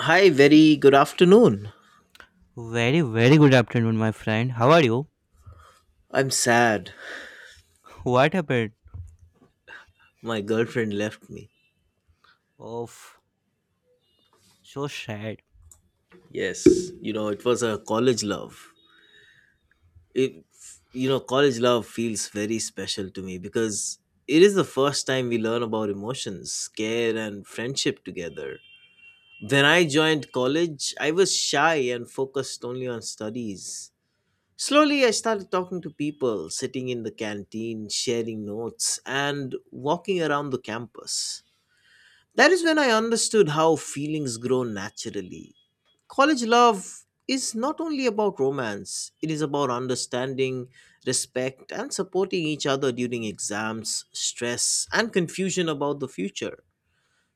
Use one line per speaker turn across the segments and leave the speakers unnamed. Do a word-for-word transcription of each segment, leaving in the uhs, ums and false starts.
Hi, very good afternoon.
Very, very good afternoon, my friend. How are you?
I'm sad.
What happened?
My girlfriend left me.
Oh, so sad.
Yes, you know, it was a college love. It, you know, college love feels very special to me because it is the first time we learn about emotions, care, and friendship together. When I joined college, I was shy and focused only on studies. Slowly, I started talking to people, sitting in the canteen, sharing notes, and walking around the campus. That is when I understood how feelings grow naturally. College love is not only about romance, it is about understanding, respect, and supporting each other during exams, stress, and confusion about the future.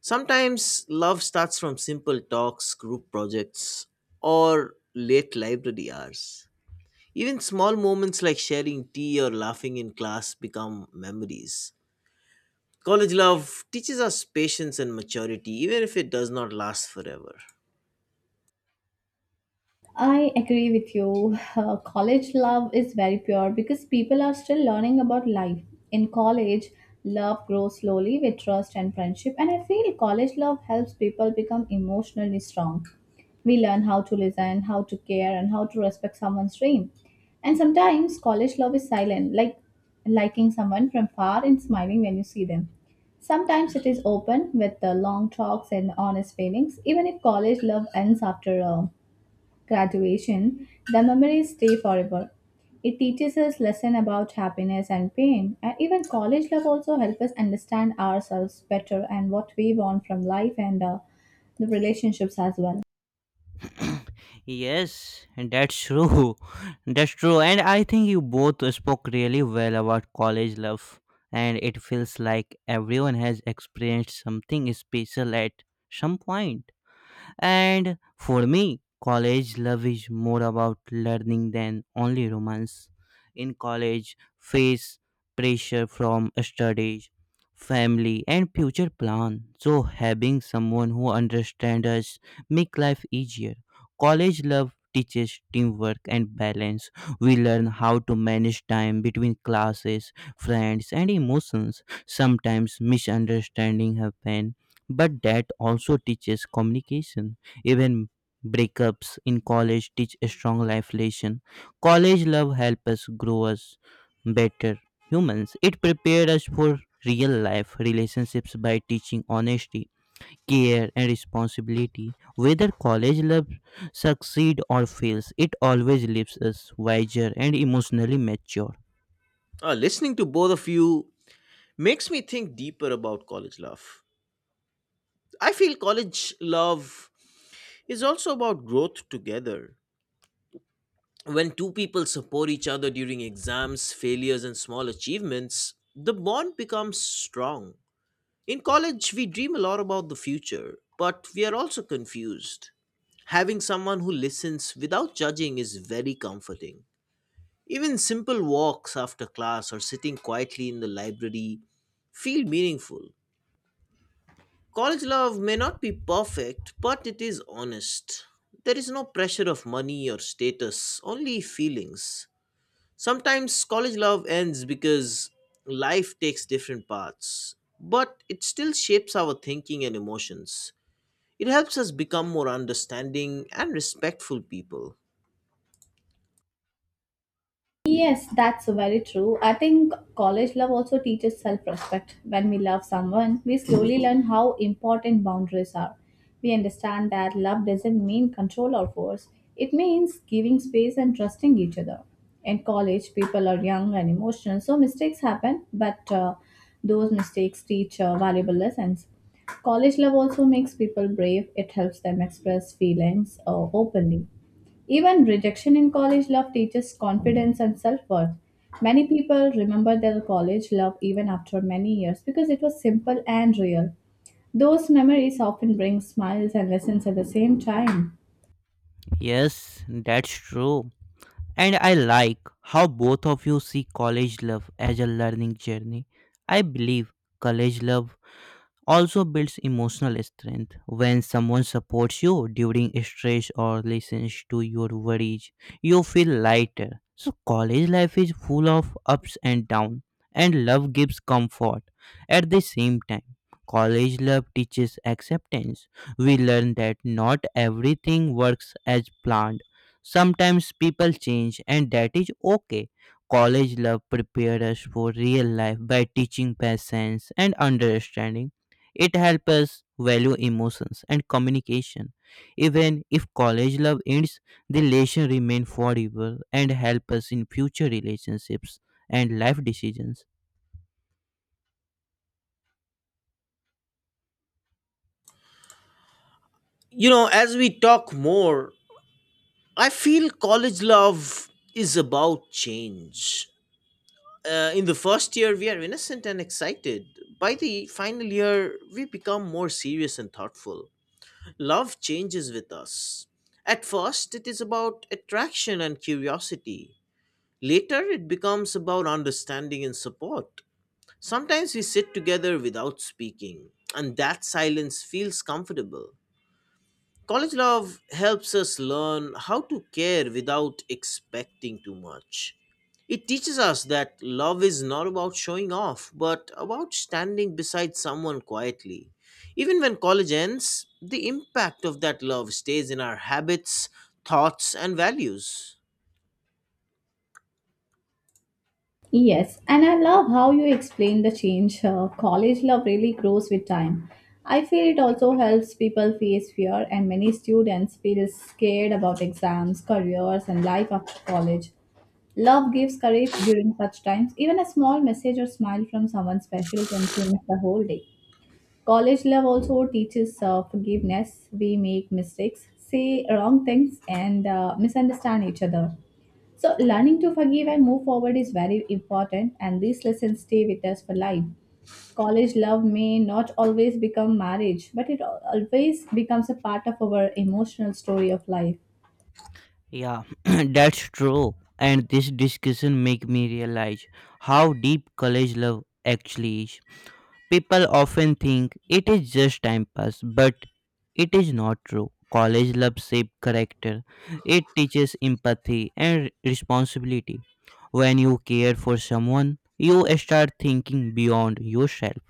Sometimes love starts from simple talks, group projects, or late library hours. Even small moments like sharing tea or laughing in class become memories. College love teaches us patience and maturity, even if it does not last forever.
I agree with you. Uh, college love is very pure because people are still learning about life. In college, love grows slowly with trust and friendship, and I feel college love helps people become emotionally strong. We learn how to listen, how to care, and how to respect someone's dream. And sometimes college love is silent, like liking someone from far and smiling when you see them. Sometimes it is open with the long talks and honest feelings, even if college love ends after a graduation, the memories stay forever. It teaches us lesson about happiness and pain, and even college love also helps us understand ourselves better and what we want from life and uh, the relationships as well.
Yes, that's true. That's true. And I think you both spoke really well about college love. And it feels like everyone has experienced something special at some point. And for me, college love is more about learning than only romance. In college, face pressure from studies, family, and future plan. So having someone who understands us make life easier. College love teaches teamwork and balance. We learn how to manage time between classes, friends, and emotions. Sometimes misunderstanding happen, but that also teaches communication. Even breakups in college teach a strong life lesson. College love helps us grow as better humans. It prepared us for real life relationships by teaching honesty, care, and responsibility. Whether college love succeed or fails, it always leaves us wiser and emotionally mature.
Uh, listening to both of you makes me think deeper about college love. I feel college love is also about growth together. When two people support each other during exams, failures, and small achievements, the bond becomes strong. In college, we dream a lot about the future, but we are also confused. Having someone who listens without judging is very comforting. Even simple walks after class or sitting quietly in the library feel meaningful. College love may not be perfect, but it is honest. There is no pressure of money or status, only feelings. Sometimes college love ends because life takes different paths, but it still shapes our thinking and emotions. It helps us become more understanding and respectful people.
Yes, that's very true. I think college love also teaches self respect. When we love someone, we slowly learn how important boundaries are. We understand that love doesn't mean control or force, it means giving space and trusting each other. In college, people are young and emotional, so mistakes happen, but uh, those mistakes teach uh, valuable lessons. College love also makes people brave, it helps them express feelings uh, openly even rejection in college love teaches confidence and self worth. Many people remember their college love even after many years because it was simple and real. Those memories often bring smiles and lessons at the same time.
Yes, that's true. And I like how both of you see college love as a learning journey. I believe college love also builds emotional strength. When someone supports you during stress or listens to your worries, you feel lighter. So college life is full of ups and downs, and love gives comfort. At the same time, college love teaches acceptance. We learn that not everything works as planned. Sometimes people change, and that is okay. College love prepares us for real life by teaching patience and understanding. It helps us value emotions and communication. Even if college love ends, the relation remain forever and help us in future relationships and life decisions.
You know, as we talk more, I feel college love is about change. Uh, in the first year, we are innocent and excited. By the final year, we become more serious and thoughtful. Love changes with us. At first, it is about attraction and curiosity. Later, it becomes about understanding and support. Sometimes we sit together without speaking, and that silence feels comfortable. College love helps us learn how to care without expecting too much. It teaches us that love is not about showing off, but about standing beside someone quietly. Even when college ends, the impact of that love stays in our habits, thoughts, and values.
Yes, and I love how you explain the change. Uh, college love really grows with time. I feel it also helps people face fear, and many students feel scared about exams, careers, and life after college. Love gives courage during such times. Even a small message or smile from someone special can change the whole day. College love also teaches uh, forgiveness. We make mistakes, say wrong things, and uh, misunderstand each other. So, learning to forgive and move forward is very important, and these lessons stay with us for life. College love may not always become marriage, but it al- always becomes a part of our emotional story of life.
Yeah, that's true. And this discussion make me realize how deep college love actually is. People often think it is just time pass, but it is not true. College love shape character. It teaches empathy and responsibility. When you care for someone, you start thinking beyond yourself.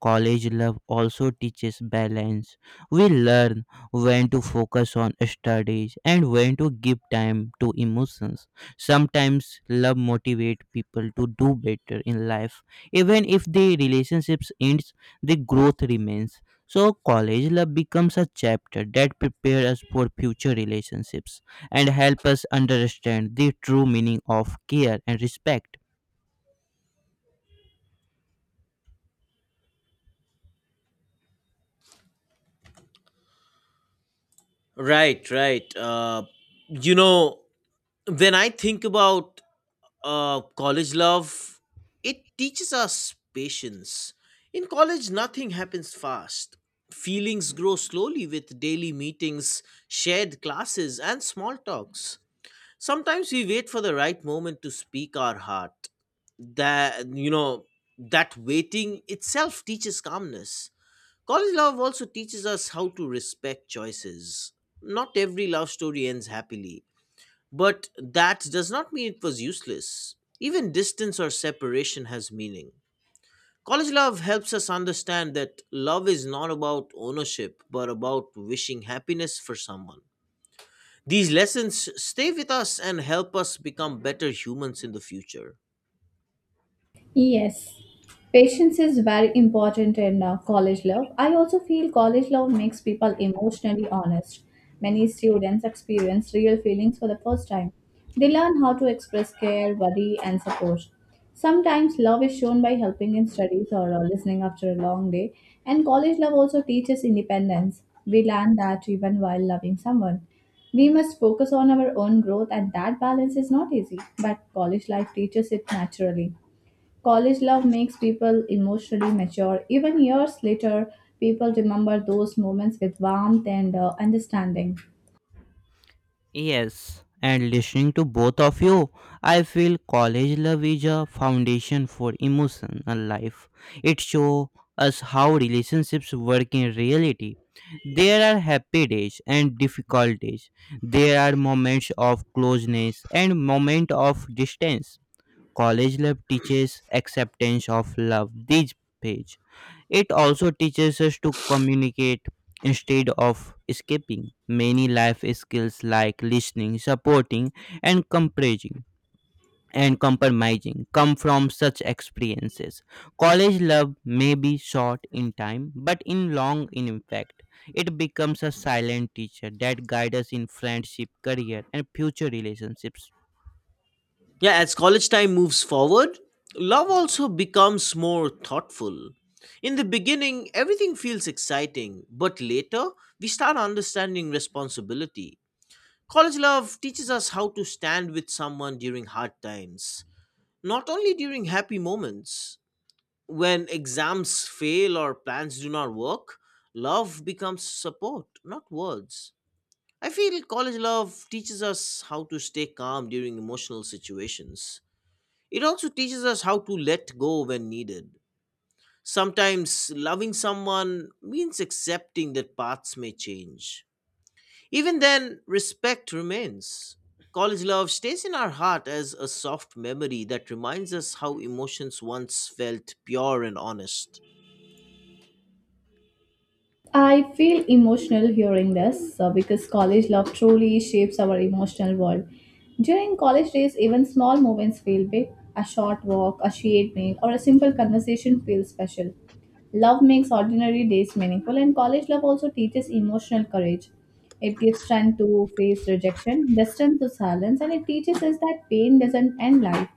College love also teaches balance. We learn when to focus on studies and when to give time to emotions. Sometimes love motivates people to do better in life. Even if the relationships ends, the growth remains. So college love becomes a chapter that prepares us for future relationships and help us understand the true meaning of care and respect.
Right, right. Uh, you know, when I think about uh, college love, it teaches us patience. In college, nothing happens fast. Feelings grow slowly with daily meetings, shared classes, and small talks. Sometimes we wait for the right moment to speak our heart. That, you know, that waiting itself teaches calmness. College love also teaches us how to respect choices. Not every love story ends happily, but that does not mean it was useless. Even distance or separation has meaning. College love helps us understand that love is not about ownership, but about wishing happiness for someone. These lessons stay with us and help us become better humans in the future.
Yes, patience is very important in uh, college love. I also feel college love makes people emotionally honest. Many students experience real feelings for the first time. They learn how to express care, worry, and support. Sometimes love is shown by helping in studies or uh, listening after a long day, and college love also teaches independence. We learn that even while loving someone. We must focus on our own growth, and that balance is not easy, but college life teaches it naturally. College love makes people emotionally mature. Even years later, people remember those moments with warmth and uh, understanding.
Yes, and listening to both of you, I feel college love is a foundation for emotional life. It shows us how relationships work in reality. There are happy days and difficult days. There are moments of closeness and moments of distance. College love teaches acceptance of love. This page. It also teaches us to communicate instead of escaping. Many life skills like listening, supporting, and comprising and compromising come from such experiences. College love may be short in time, but in long in impact. It becomes a silent teacher that guides us in friendship, career, and future relationships.
Yeah, as college time moves forward, love also becomes more thoughtful. In the beginning, everything feels exciting, but later, we start understanding responsibility. College love teaches us how to stand with someone during hard times, not only during happy moments. When exams fail or plans do not work, love becomes support, not words. I feel college love teaches us how to stay calm during emotional situations. It also teaches us how to let go when needed. Sometimes loving someone means accepting that paths may change. Even then, respect remains. College love stays in our heart as a soft memory that reminds us how emotions once felt pure and honest.
I feel emotional hearing this uh, because college love truly shapes our emotional world. During college days, even small moments feel big. A short walk, a shared meal, or a simple conversation feels special. Love makes ordinary days meaningful, and college love also teaches emotional courage. It gives strength to face rejection, distance to silence, and it teaches us that pain doesn't end life.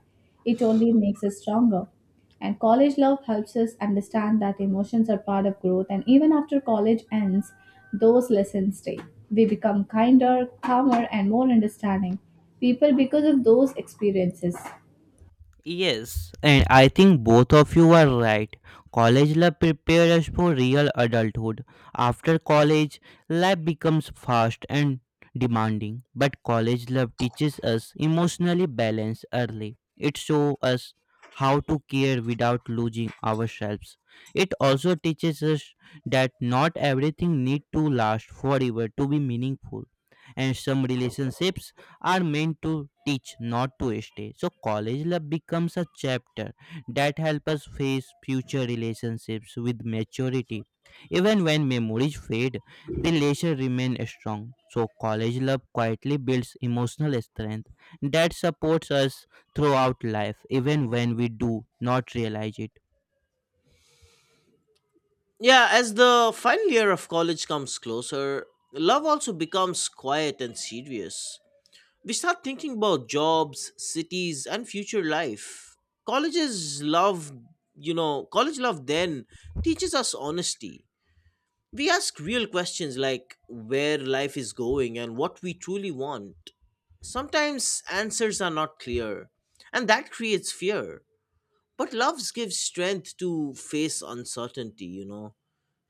It only makes us stronger. And college love helps us understand that emotions are part of growth, and even after college ends, those lessons stay. We become kinder, calmer, and more understanding people because of those experiences.
Yes, and I think both of you are right. College life prepares us for real adulthood. After college, life becomes fast and demanding, but college love teaches us emotionally balance early. It shows us how to care without losing ourselves. It also teaches us that not everything need to last forever to be meaningful, and some relationships are meant to teach, not to stay. So college life becomes a chapter that helps us face future relationships with maturity. Even when memories fade, the leisure remain strong. So college love quietly builds emotional strength that supports us throughout life, even when we do not realize it.
Yeah, as the final year of college comes closer, love also becomes quiet and serious. We start thinking about jobs, cities, and future life. College's love, you know, college love then teaches us honesty. We ask real questions like where life is going and what we truly want. Sometimes answers are not clear, and that creates fear. But love gives strength to face uncertainty, you know.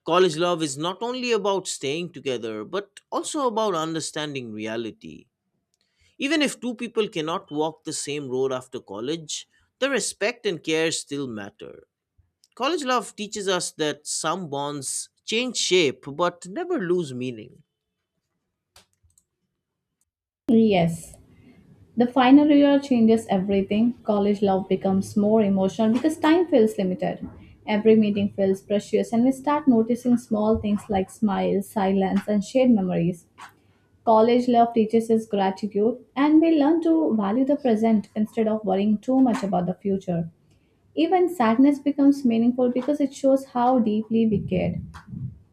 College love is not only about staying together, but also about understanding reality. Even if two people cannot walk the same road after college, the respect and care still matter. College love teaches us that some bonds change shape but never lose meaning.
Yes, the final year changes everything. College love becomes more emotional because time feels limited. Every meeting feels precious, and we start noticing small things like smiles, silence, and shared memories. College love teaches us gratitude, and we learn to value the present instead of worrying too much about the future. Even sadness becomes meaningful because it shows how deeply we cared.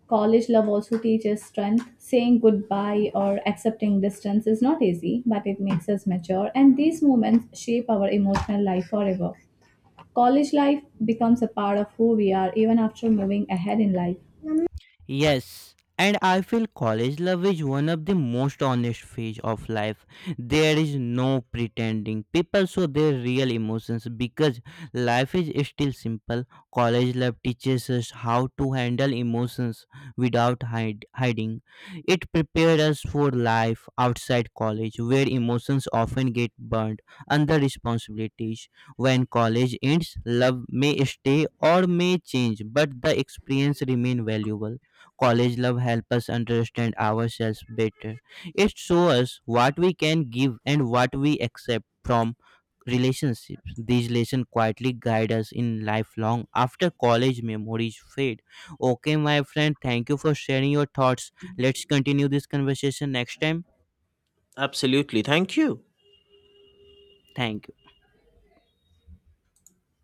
College love also teaches strength. Saying goodbye or accepting distance is not easy, but it makes us mature, and these moments shape our emotional life forever. College life becomes a part of who we are even after moving ahead in life.
Yes, and I feel college love is one of the most honest phase of life. There is no pretending. People show their real emotions because life is still simple. College love teaches us how to handle emotions without hide- hiding. It prepares us for life outside college where emotions often get burned under responsibilities. When college ends, love may stay or may change, but the experience remain valuable. College love help us understand ourselves better. It shows us what we can give and what we accept from relationships. These lessons quietly guide us in lifelong after college memories fade. Okay, my friend, thank you for sharing your thoughts. Let's continue this conversation next time.
Absolutely. Thank you.
Thank you.